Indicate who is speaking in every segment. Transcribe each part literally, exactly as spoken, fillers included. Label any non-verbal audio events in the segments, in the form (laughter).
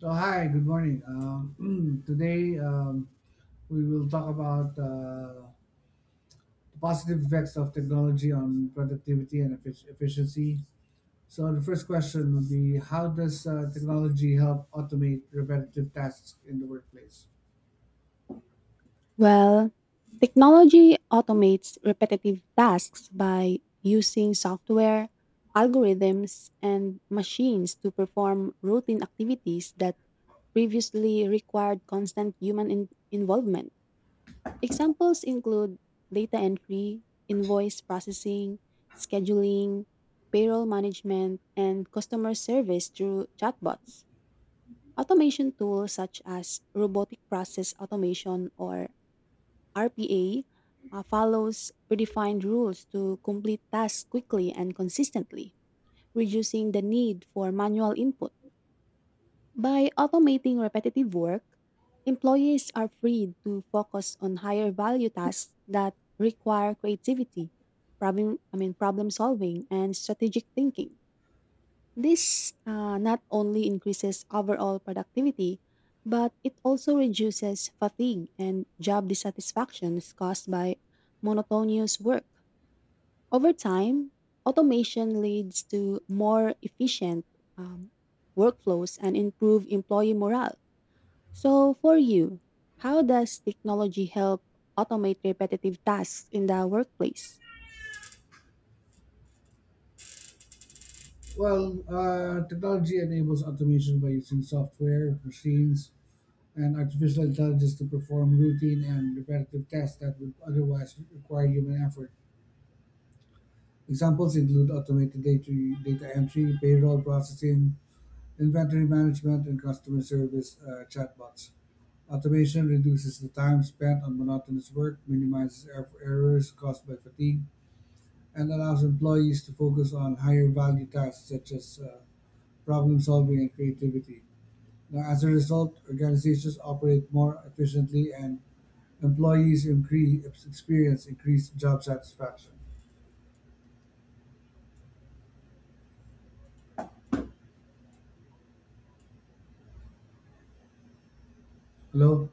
Speaker 1: So hi, good morning. Um, (clears throat) today um, we will talk about uh, the positive effects of technology on productivity and effic- efficiency. So the first question would be, how does uh, technology help automate repetitive tasks in the workplace?
Speaker 2: Well, technology automates repetitive tasks by using software, algorithms, and machines to perform routine activities that previously required constant human in- involvement. Examples include data entry, invoice processing, scheduling, payroll management, and customer service through chatbots. Automation tools such as robotic process automation, or R P A, uh, follows predefined rules to complete tasks quickly and consistently, reducing the need for manual input. By automating repetitive work, employees are freed to focus on higher value tasks that require creativity, problem I mean problem solving, and strategic thinking. This uh, not only increases overall productivity, but it also reduces fatigue and job dissatisfactions caused by monotonous work. Over time, automation leads to more efficient um, workflows and improved employee morale. So, for you, how does technology help automate repetitive tasks in the workplace?
Speaker 1: Well, uh, technology enables automation by using software, machines, and artificial intelligence to perform routine and repetitive tasks that would otherwise require human effort. Examples include automated data data entry, payroll processing, inventory management, and customer service uh, chatbots. Automation reduces the time spent on monotonous work, minimizes er- errors caused by fatigue, and allows employees to focus on higher value tasks such as uh, problem solving and creativity. Now, as a result, organizations operate more efficiently and employees increase, experience increased job satisfaction. Hello?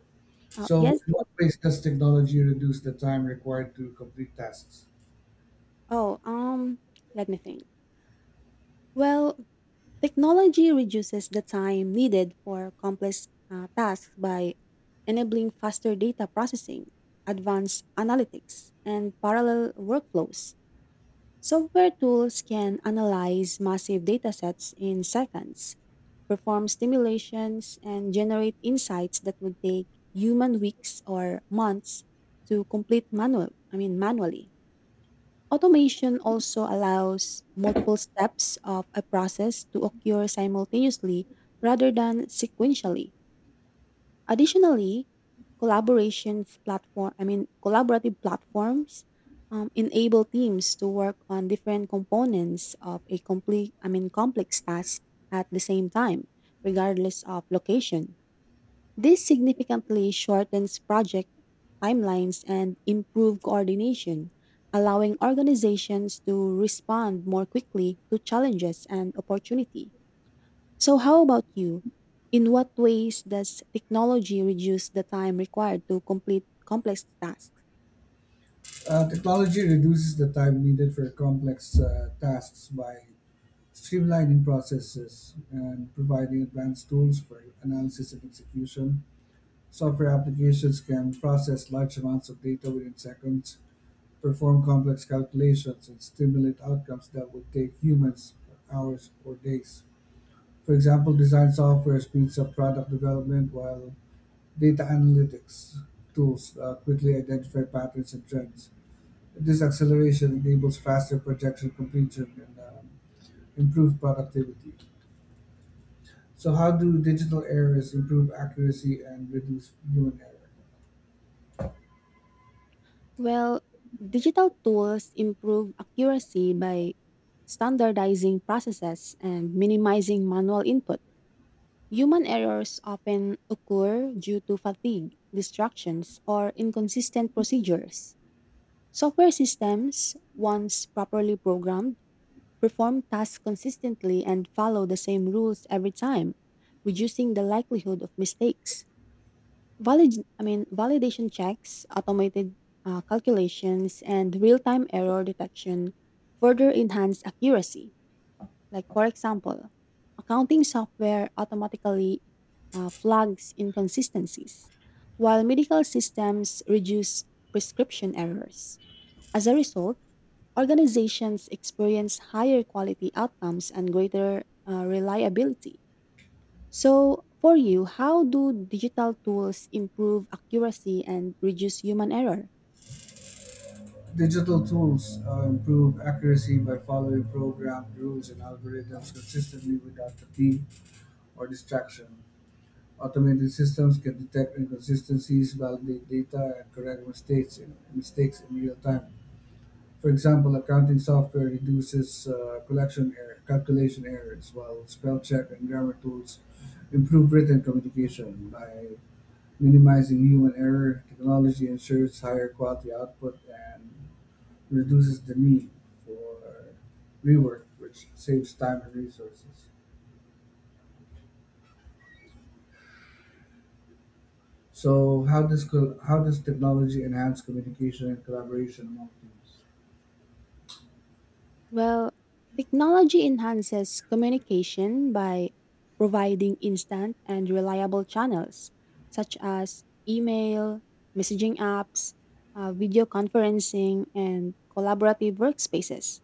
Speaker 2: Uh,
Speaker 1: So,
Speaker 2: yes.
Speaker 1: in what
Speaker 2: what-
Speaker 1: ways does technology reduce the time required to complete tasks?
Speaker 2: Oh, um, let me think. Well, technology reduces the time needed for complex uh, tasks by enabling faster data processing, advanced analytics, and parallel workflows. Software tools can analyze massive datasets in seconds, perform simulations, and generate insights that would take human weeks or months to complete manual, I mean manually. Automation also allows multiple steps of a process to occur simultaneously rather than sequentially. Additionally, collaboration platform, I mean collaborative platforms um, enable teams to work on different components of a complete, I mean complex task at the same time, regardless of location. This significantly shortens project timelines and improve coordination, allowing organizations to respond more quickly to challenges and opportunity. So how about you? In what ways does technology reduce the time required to complete complex tasks?
Speaker 1: Uh, technology reduces the time needed for complex uh, tasks by streamlining processes and providing advanced tools for analysis and execution. Software applications can process large amounts of data within seconds, perform complex calculations, and stimulate outcomes that would take humans hours or days. For example, design software speeds up product development while Data analytics tools uh, quickly identify patterns and trends. This acceleration enables faster projection completion and uh, improved productivity. So, how do digital errors improve accuracy and reduce human error?
Speaker 2: Well, digital tools improve accuracy by standardizing processes and minimizing manual input. Human errors often occur due to fatigue, distractions, or inconsistent procedures. Software systems, once properly programmed, perform tasks consistently and follow the same rules every time, reducing the likelihood of mistakes. Valid, I mean, validation checks, automated uh, calculations, and real-time error detection further enhance accuracy. Like, for example, accounting software automatically uh, flags inconsistencies, while medical systems reduce prescription errors. As a result, organizations experience higher quality outcomes and greater uh, reliability. So, for you, how do digital tools improve accuracy and reduce human error?
Speaker 1: Digital tools uh, improve accuracy by following programmed rules and algorithms consistently without fatigue or distraction. Automated systems can detect inconsistencies, validate data, and correct mistakes in, mistakes in real time. For example, accounting software reduces uh, collection error, calculation errors, while spell check and grammar tools improve written communication by minimizing human error. Technology ensures higher quality output and reduces the need for rework, which saves time and resources. So, how does col- how does technology enhance communication and collaboration among teams?
Speaker 2: Well, technology enhances communication by providing instant and reliable channels such as email, messaging apps, uh, video conferencing, and collaborative workspaces.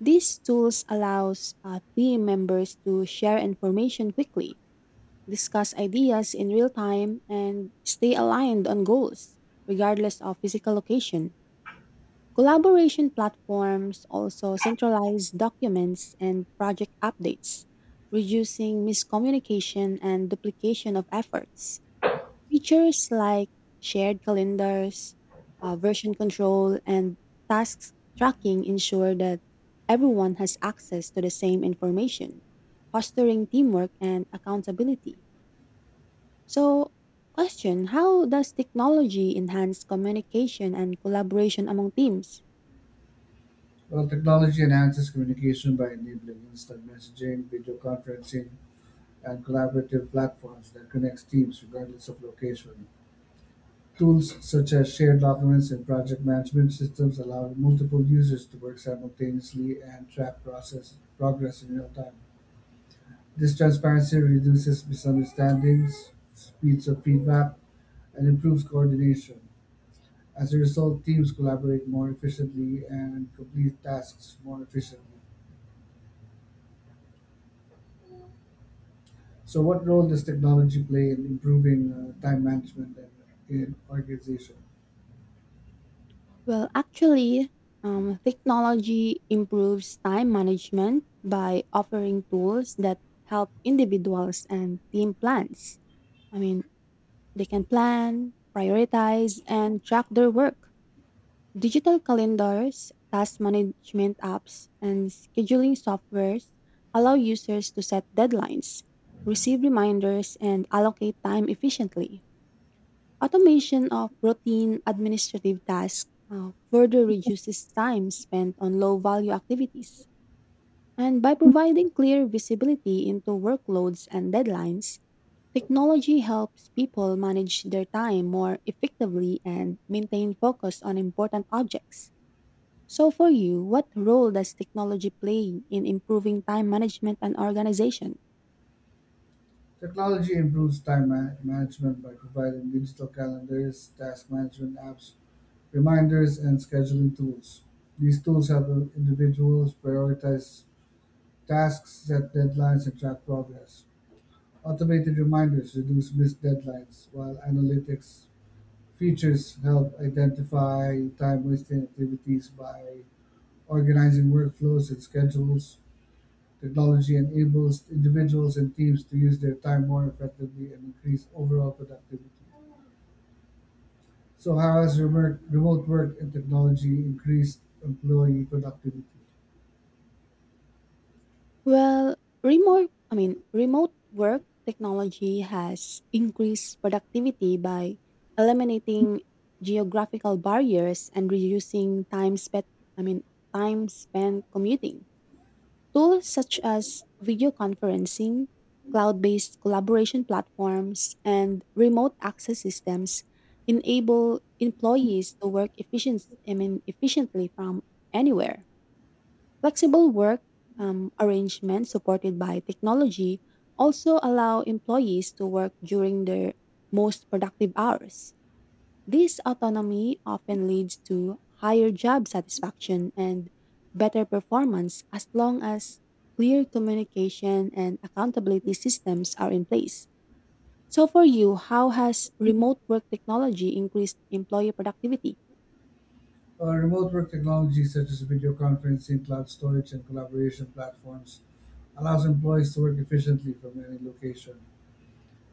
Speaker 2: These tools allows uh, team members to share information quickly, discuss ideas in real time, and stay aligned on goals regardless of physical location. Collaboration platforms also centralize documents and project updates, reducing miscommunication and duplication of efforts. Features like shared calendars, uh, version control, and tasks tracking ensure that everyone has access to the same information, fostering teamwork and accountability. So, question: how does technology enhance communication and collaboration among teams?
Speaker 1: Well, technology enhances communication by enabling instant messaging, video conferencing, and collaborative platforms that connects teams regardless of location. Tools such as shared documents and project management systems allow multiple users to work simultaneously and track process progress in real time. This transparency reduces misunderstandings, speeds up feedback, and improves coordination. As a result, teams collaborate more efficiently and complete tasks more efficiently. So, what role does technology play in improving uh, time management and in organization?
Speaker 2: Well, actually, um, technology improves time management by offering tools that help individuals and team plans. I mean, they can plan, prioritize, and track their work. Digital calendars, task management apps, and scheduling softwares allow users to set deadlines, receive reminders, and allocate time efficiently. Automation of routine administrative tasks uh, further reduces time spent on low value activities. And by providing clear visibility into workloads and deadlines, technology helps people manage their time more effectively and maintain focus on important objects. So, for you, what role does technology play in improving time management and organization?
Speaker 1: Technology improves time ma- management by providing digital calendars, task management apps, reminders, and scheduling tools. These tools help individuals prioritize tasks, set deadlines, and track progress. Automated reminders reduce missed deadlines, while analytics features help identify time wasting activities by organizing workflows and schedules. Technology enables individuals and teams to use their time more effectively and increase overall productivity. So, how has remote, remote work and technology increased employee productivity?
Speaker 2: Well, remote, I mean, remote work technology has increased productivity by eliminating geographical barriers and reducing time spent, I mean, time spent commuting. Tools such as video conferencing, cloud-based collaboration platforms, and remote access systems enable employees to work efficient, I mean, efficiently from anywhere. Flexible work um, arrangements supported by technology also allow employees to work during their most productive hours. This autonomy often leads to higher job satisfaction and better performance as long as clear communication and accountability systems are in place. So, for you, how has remote work technology increased employee productivity?
Speaker 1: Uh, remote work technology such as video conferencing, cloud storage, and collaboration platforms allows employees to work efficiently from any location.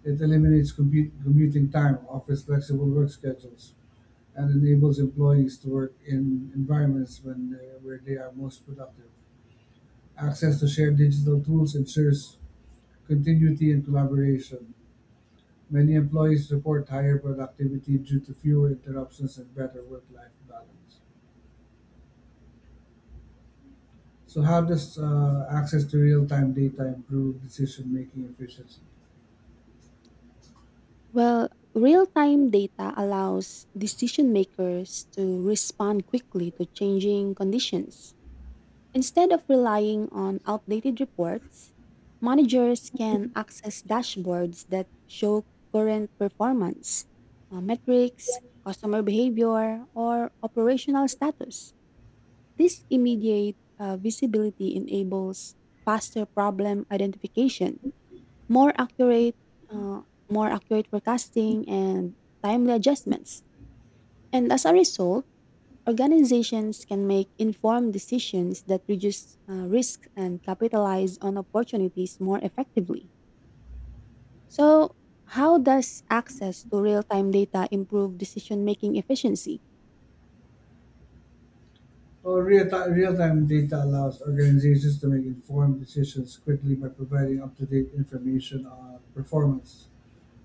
Speaker 1: It eliminates compu- commuting time, offers flexible work schedules, and enables employees to work in environments when they, where they are most productive. Access to shared digital tools ensures continuity and collaboration. Many employees report higher productivity due to fewer interruptions and better work-life balance. So, how does uh, access to real-time data improve decision-making efficiency?
Speaker 2: Well, real time data allows decision makers to respond quickly to changing conditions. Instead of relying on outdated reports, managers can access dashboards that show current performance, uh, metrics, customer behavior, or operational status. This immediate uh, visibility enables faster problem identification, more accurate, uh, more accurate forecasting, and timely adjustments. And as a result, organizations can make informed decisions that reduce uh, risk and capitalize on opportunities more effectively. So, how does access to real time data improve decision making efficiency?
Speaker 1: Well, real-time, real-time data allows organizations to make informed decisions quickly by providing up-to-date information on performance,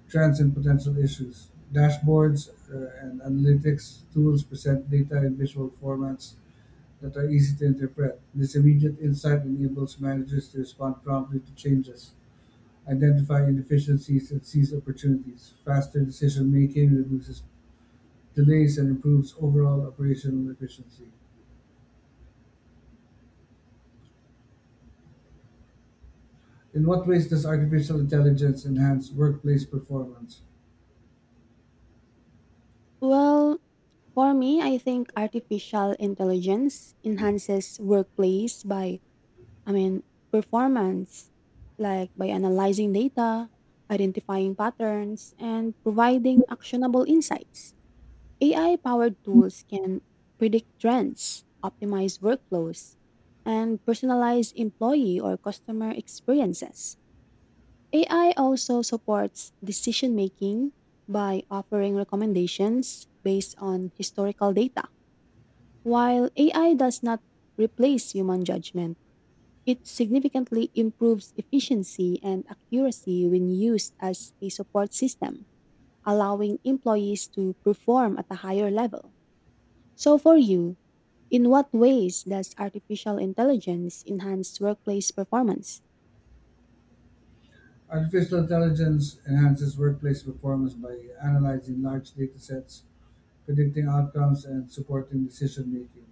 Speaker 1: trends, and potential issues. Dashboards uh, and analytics tools present data in visual formats that are easy to interpret. This immediate insight enables managers to respond promptly to changes, identify inefficiencies, and seize opportunities. Faster decision making reduces delays and improves overall operational efficiency. In what ways does artificial intelligence enhance workplace performance?
Speaker 2: Well, for me, I think artificial intelligence enhances workplace by I mean, performance, like by analyzing data, identifying patterns, and providing actionable insights. A I powered tools can predict trends, optimize workflows, and personalize employee or customer experiences. A I also supports decision making by offering recommendations based on historical data. While A I does not replace human judgment, it significantly improves efficiency and accuracy when used as a support system, allowing employees to perform at a higher level. So, for you, in what ways does artificial intelligence enhance workplace performance?
Speaker 1: Artificial intelligence enhances workplace performance by analyzing large data sets, predicting outcomes, and supporting decision making.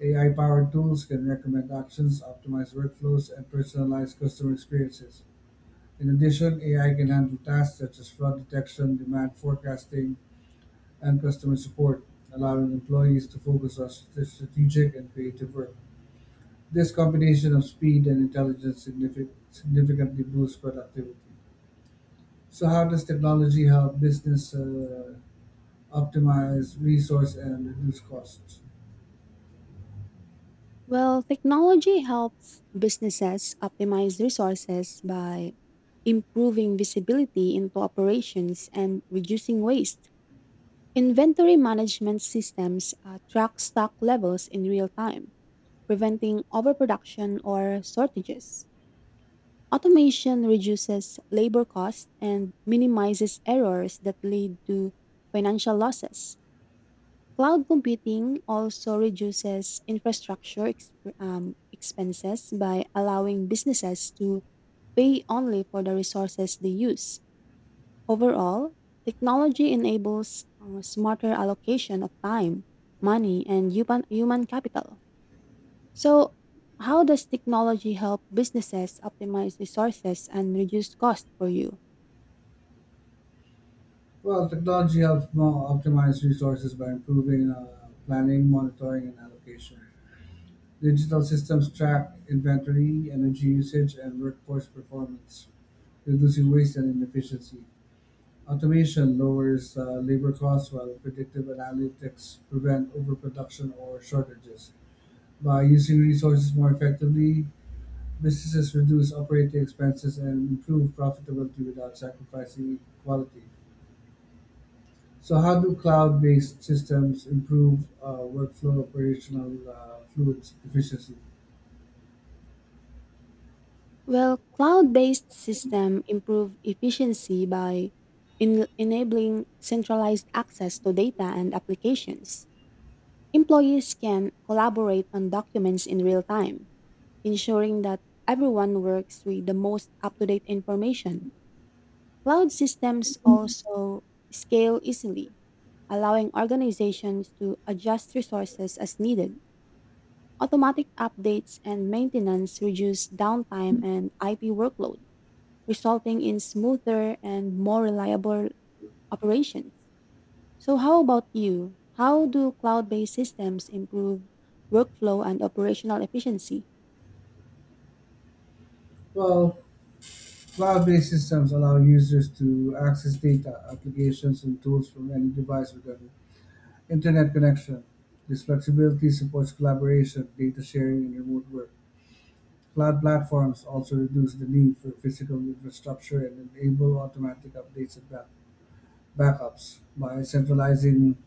Speaker 1: A I powered tools can recommend actions, optimize workflows, and personalize customer experiences. In addition, A I can handle tasks such as fraud detection, demand forecasting, and customer support, allowing employees to focus on strate- strategic and creative work. This combination of speed and intelligence signifi- significantly boosts productivity. So, how does technology help business uh, optimize resource and reduce costs?
Speaker 2: Well, technology helps businesses optimize resources by improving visibility into operations and reducing waste. Inventory management systems uh, track stock levels in real time, preventing overproduction or shortages. Automation reduces labor costs and minimizes errors that lead to financial losses. Cloud computing also reduces infrastructure exp- um, expenses by allowing businesses to pay only for the resources they use. Overall, technology enables uh, smarter allocation of time, money, and human human capital. So, how does technology help businesses optimize resources and reduce cost for you?
Speaker 1: Well, technology helps mo- optimize resources by improving uh, planning, monitoring, and allocation. Digital systems track inventory, energy usage, and workforce performance, reducing waste and inefficiency. Automation lowers uh, labor costs while predictive analytics prevent overproduction or shortages. By using resources more effectively, businesses reduce operating expenses and improve profitability without sacrificing quality. So how do cloud-based systems improve uh, workflow operational uh, fluid efficiency?
Speaker 2: Well, cloud-based system improve efficiency by en- enabling centralized access to data and applications. Employees can collaborate on documents in real time, ensuring that everyone works with the most up-to-date information. Cloud systems also scale easily, allowing organizations to adjust resources as needed. Automatic updates and maintenance reduce downtime and I P workload, resulting in smoother and more reliable operations. So, how about you? How do cloud based systems improve workflow and operational efficiency?
Speaker 1: Well, cloud-based systems allow users to access data, applications, and tools from any device with an internet connection. This flexibility supports collaboration, data sharing, and remote work. Cloud platforms also reduce the need for physical infrastructure and enable automatic updates and back- backups by centralizing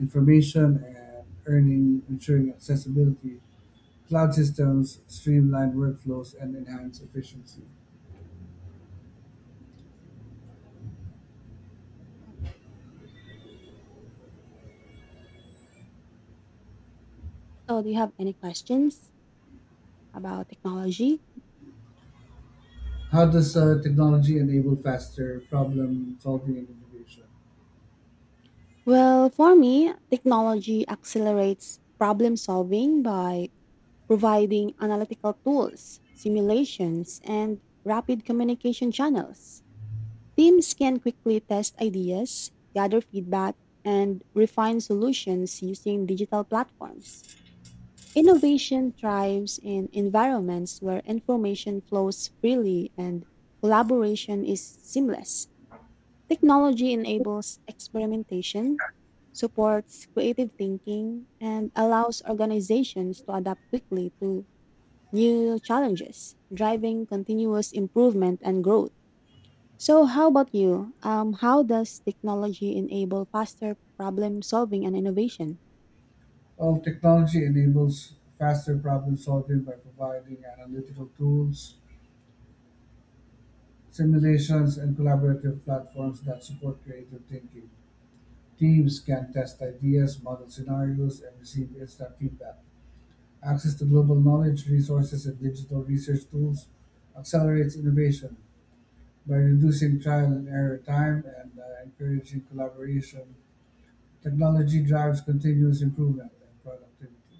Speaker 1: information and earning ensuring accessibility. Cloud systems streamline workflows and enhance efficiency.
Speaker 2: So, do you have any questions about technology?
Speaker 1: How does uh, technology enable faster problem solving and innovation?
Speaker 2: Well, for me, technology accelerates problem solving by providing analytical tools, simulations, and rapid communication channels. Teams can quickly test ideas, gather feedback, and refine solutions using digital platforms. Innovation thrives in environments where information flows freely and collaboration is seamless. Technology enables experimentation, supports creative thinking, and allows organizations to adapt quickly to new challenges, driving continuous improvement and growth. So, how about you? Um, how does technology enable faster problem solving and innovation?
Speaker 1: Well, technology enables faster problem solving by providing analytical tools, simulations, and collaborative platforms that support creative thinking. Teams can test ideas, model scenarios, and receive instant feedback. Access to global knowledge, resources, and digital research tools accelerates innovation. By reducing trial and error time and uh, encouraging collaboration, technology drives continuous improvement and productivity.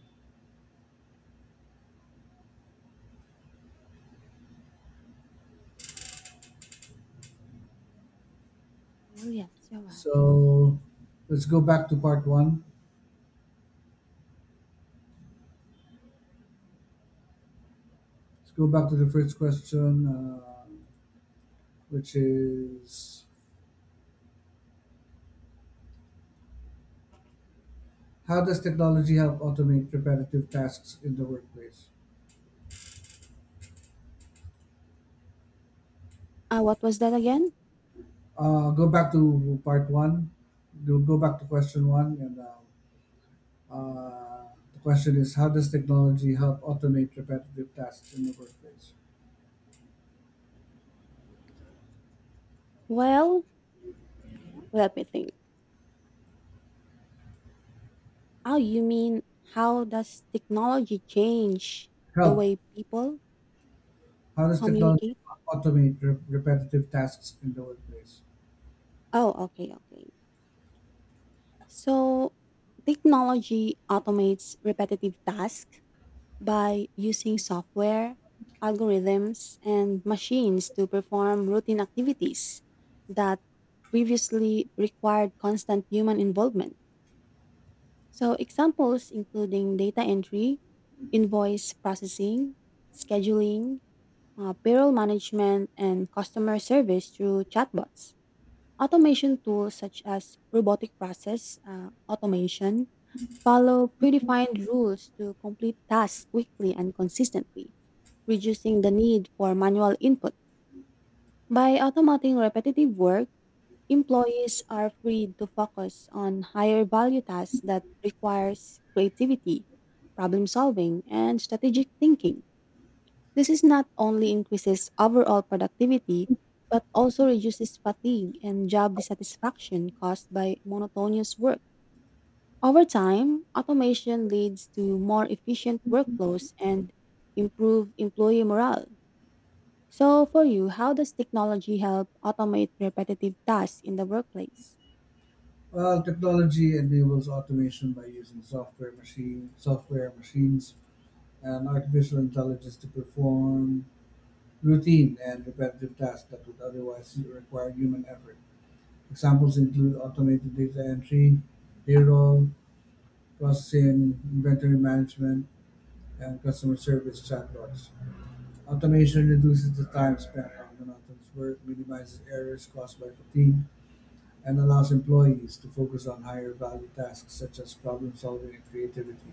Speaker 2: Well, yes, you're right.
Speaker 1: So let's go back to part one. Let's go back to the first question, uh, which is how does technology help automate repetitive tasks in the workplace?
Speaker 2: Uh, what was that again?
Speaker 1: Uh, go back to part one. Go go back to question one, and um, uh, the question is how does technology help automate repetitive tasks in the workplace?
Speaker 2: Well, let me think. Oh, you mean how does technology change the
Speaker 1: Help
Speaker 2: way people
Speaker 1: How does technology
Speaker 2: communicate?
Speaker 1: automate re- repetitive tasks in the workplace?
Speaker 2: Oh, okay, okay. So, technology automates repetitive tasks by using software, algorithms, and machines to perform routine activities that previously required constant human involvement. So, examples including data entry, invoice processing, scheduling, uh, payroll management, and customer service through chatbots. Automation tools such as robotic process uh, automation follow predefined rules to complete tasks quickly and consistently, reducing the need for manual input. By automating repetitive work, employees are free to focus on higher value tasks that requires creativity, problem solving, and strategic thinking. This is not only increases overall productivity, but also reduces fatigue and job dissatisfaction caused by monotonous work. Over time, automation leads to more efficient workflows and improve employee morale. So, for you, how does technology help automate repetitive tasks in the workplace?
Speaker 1: Well, technology enables automation by using software machine, software machines, and artificial intelligence to perform routine and repetitive tasks that would otherwise require human effort. Examples include automated data entry, payroll, processing, inventory management, and customer service chatbots. Automation reduces the time spent on monotonous work, minimizes errors caused by fatigue, and allows employees to focus on higher value tasks such as problem solving and creativity.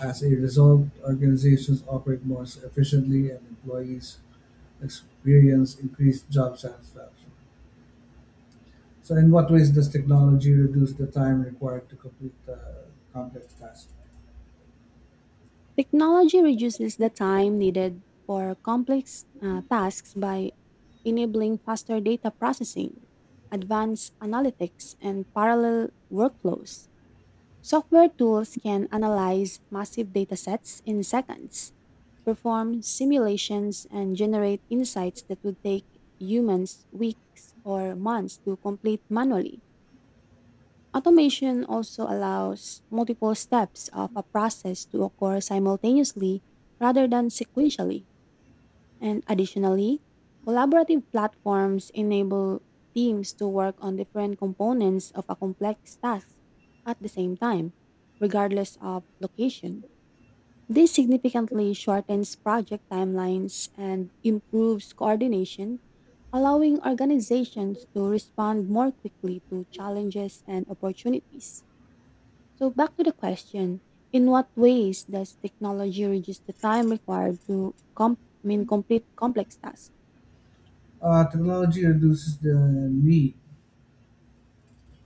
Speaker 1: As a result, organizations operate more efficiently and employees experience increased job satisfaction. So, in what ways does technology reduce the time required to complete uh, complex tasks?
Speaker 2: Technology reduces the time needed for complex uh, tasks by enabling faster data processing, advanced analytics, and parallel workflows. Software tools can analyze massive datasets in seconds, perform simulations, and generate insights that would take humans weeks or months to complete manually. Automation also allows multiple steps of a process to occur simultaneously rather than sequentially. And additionally, collaborative platforms enable teams to work on different components of a complex task at the same time, regardless of location. This significantly shortens project timelines and improves coordination, allowing organizations to respond more quickly to challenges and opportunities. So, back to the question: in what ways does technology reduce the time required to com- I mean, complete complex tasks?
Speaker 1: Uh, technology reduces the need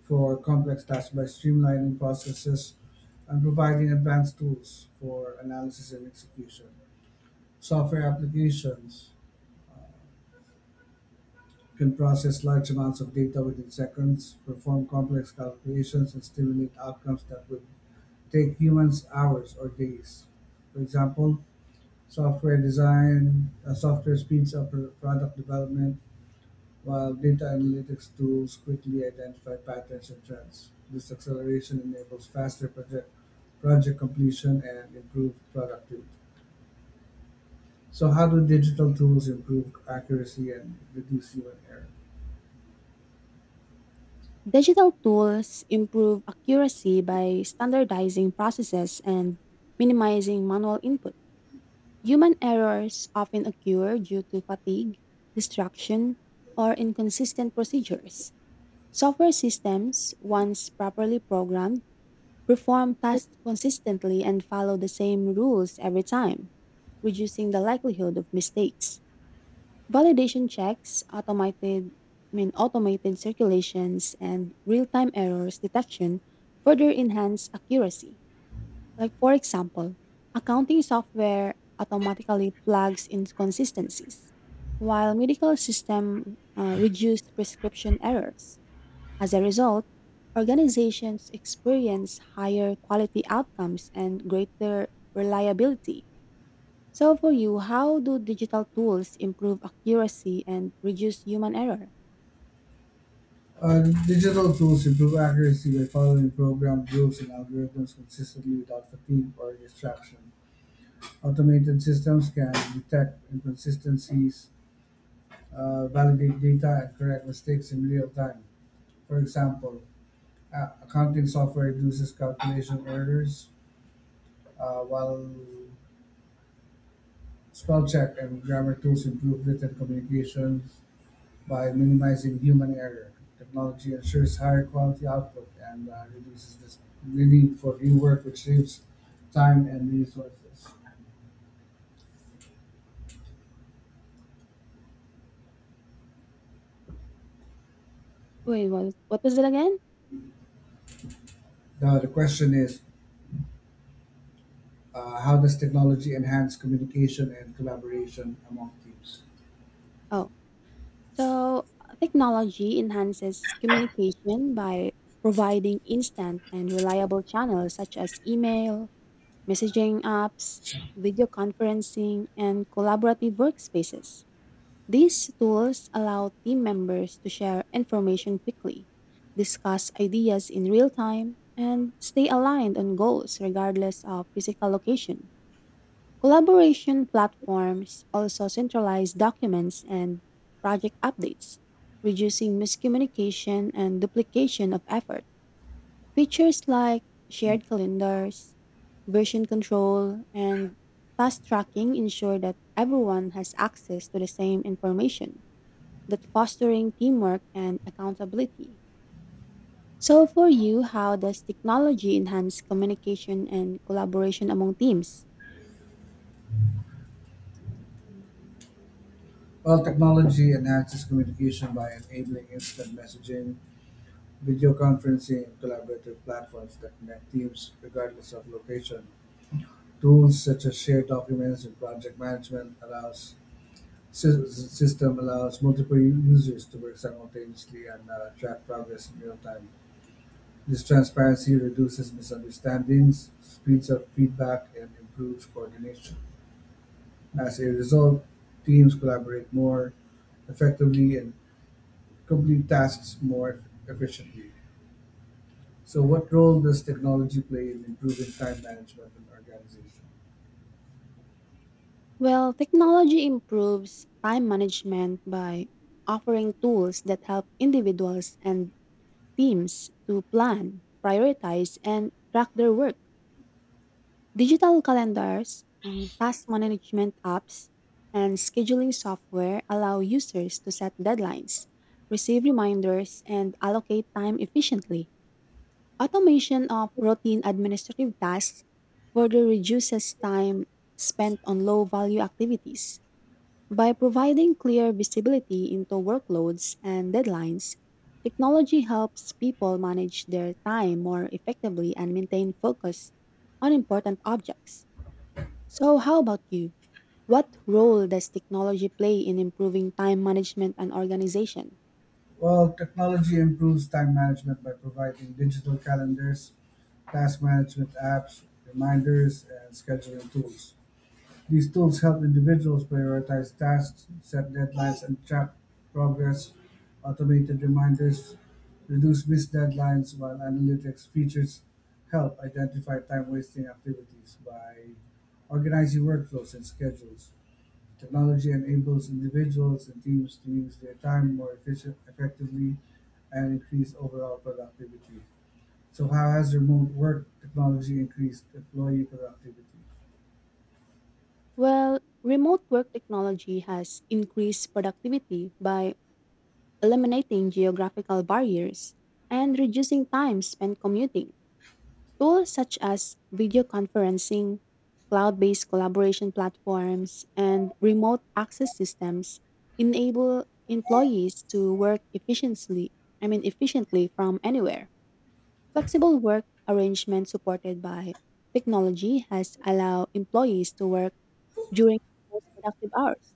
Speaker 1: for complex tasks by streamlining processes and providing advanced tools for analysis and execution. Software applications uh, can process large amounts of data within seconds, perform complex calculations, and stimulate outcomes that would take humans hours or days. For example, software design, uh, software speeds up pro- product development, while data analytics tools quickly identify patterns and trends. This acceleration enables faster project, project completion and improved productivity. So, how do digital tools improve accuracy and reduce human error?
Speaker 2: Digital tools improve accuracy by standardizing processes and minimizing manual input. Human errors often occur due to fatigue, distraction, or inconsistent procedures. Software systems, once properly programmed, perform tasks consistently and follow the same rules every time, reducing the likelihood of mistakes. Validation checks, automated, I mean, automated circulations, and real-time errors detection further enhance accuracy. Like for example, accounting software automatically flags inconsistencies, while medical system uh, reduce prescription errors. As a result, organizations experience higher quality outcomes and greater reliability. So, for you, how do digital tools improve accuracy and reduce human error?
Speaker 1: Uh, digital tools improve accuracy by following programmed rules and algorithms consistently without fatigue or distraction. Automated systems can detect inconsistencies, uh, validate data, and correct mistakes in real time. For example, a- accounting software reduces calculation errors, uh, while spell check and grammar tools improve written communication. By minimizing human error, technology ensures higher quality output and uh, reduces this, the need for rework, which saves time and resources.
Speaker 2: Wait, what, what was it again?
Speaker 1: Now, the question is uh, how does technology enhance communication and collaboration among teams?
Speaker 2: Oh, so uh, technology enhances communication by providing instant and reliable channels such as email, messaging apps, video conferencing, and collaborative workspaces. These tools allow team members to share information quickly, discuss ideas in real time, and stay aligned on goals regardless of physical location. Collaboration platforms also centralize documents and project updates, reducing miscommunication and duplication of effort. Features like shared calendars, version control, and task tracking ensure that everyone has access to the same information that fostering teamwork and accountability. So, for you, how does technology enhance communication and collaboration among teams?
Speaker 1: Well, technology enhances communication by enabling instant messaging, video conferencing, and collaborative platforms that connect teams regardless of location. Tools such as shared documents and project management allows Sys- system allows multiple u- users to work simultaneously and uh, track progress in real time. This transparency reduces misunderstandings, speeds up feedback, and improves coordination. As a result, teams collaborate more effectively and complete tasks more efficiently. So, what role does technology play in improving time management in organizations?
Speaker 2: Well, technology improves time management by offering tools that help individuals and teams to plan, prioritize, and track their work. Digital calendars, um, task management apps, and scheduling software allow users to set deadlines, receive reminders, and allocate time efficiently. Automation of routine administrative tasks further reduces time spent on low value activities. By providing clear visibility into workloads and deadlines, technology helps people manage their time more effectively and maintain focus on important objects. So, how about you? What role does technology play in improving time management and organization?
Speaker 1: Well, technology improves time management by providing digital calendars, task management apps, reminders, and scheduling tools. These tools help individuals prioritize tasks, set deadlines, and track progress. Automated reminders reduce missed deadlines, while analytics features help identify time wasting activities by organizing workflows and schedules. Technology enables individuals and teams to use their time more efficient, effectively and increase overall productivity. So, how has remote work technology increased employee productivity?
Speaker 2: Well, remote work technology has increased productivity by eliminating geographical barriers and reducing time spent commuting. Tools such as video conferencing, cloud based collaboration platforms, and remote access systems enable employees to work efficiently, I mean, efficiently from anywhere. Flexible work arrangements supported by technology has allowed employees to work during their most productive hours.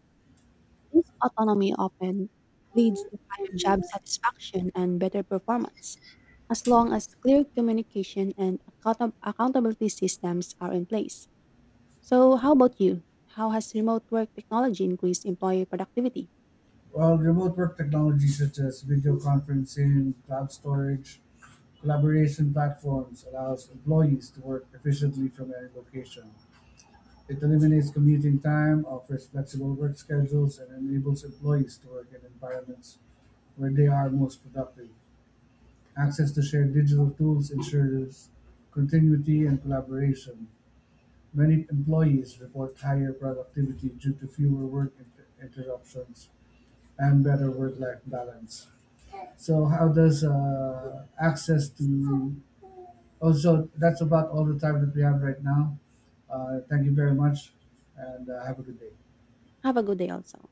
Speaker 2: This autonomy often leads to higher job satisfaction and better performance, as long as clear communication and account- accountability systems are in place. So, how about you? How has remote work technology increased employee productivity?
Speaker 1: Well, remote work technology such as video conferencing, cloud storage, collaboration platforms allows employees to work efficiently from any location. It eliminates commuting time, offers flexible work schedules, and enables employees to work in environments where they are most productive. Access to shared digital tools ensures continuity and collaboration. Many employees report higher productivity due to fewer work inter- interruptions and better work-life balance. So, how does uh, access to also that's about all the time that we have right now. Uh, thank you very much, and uh, have a good day.
Speaker 2: Have a good day also.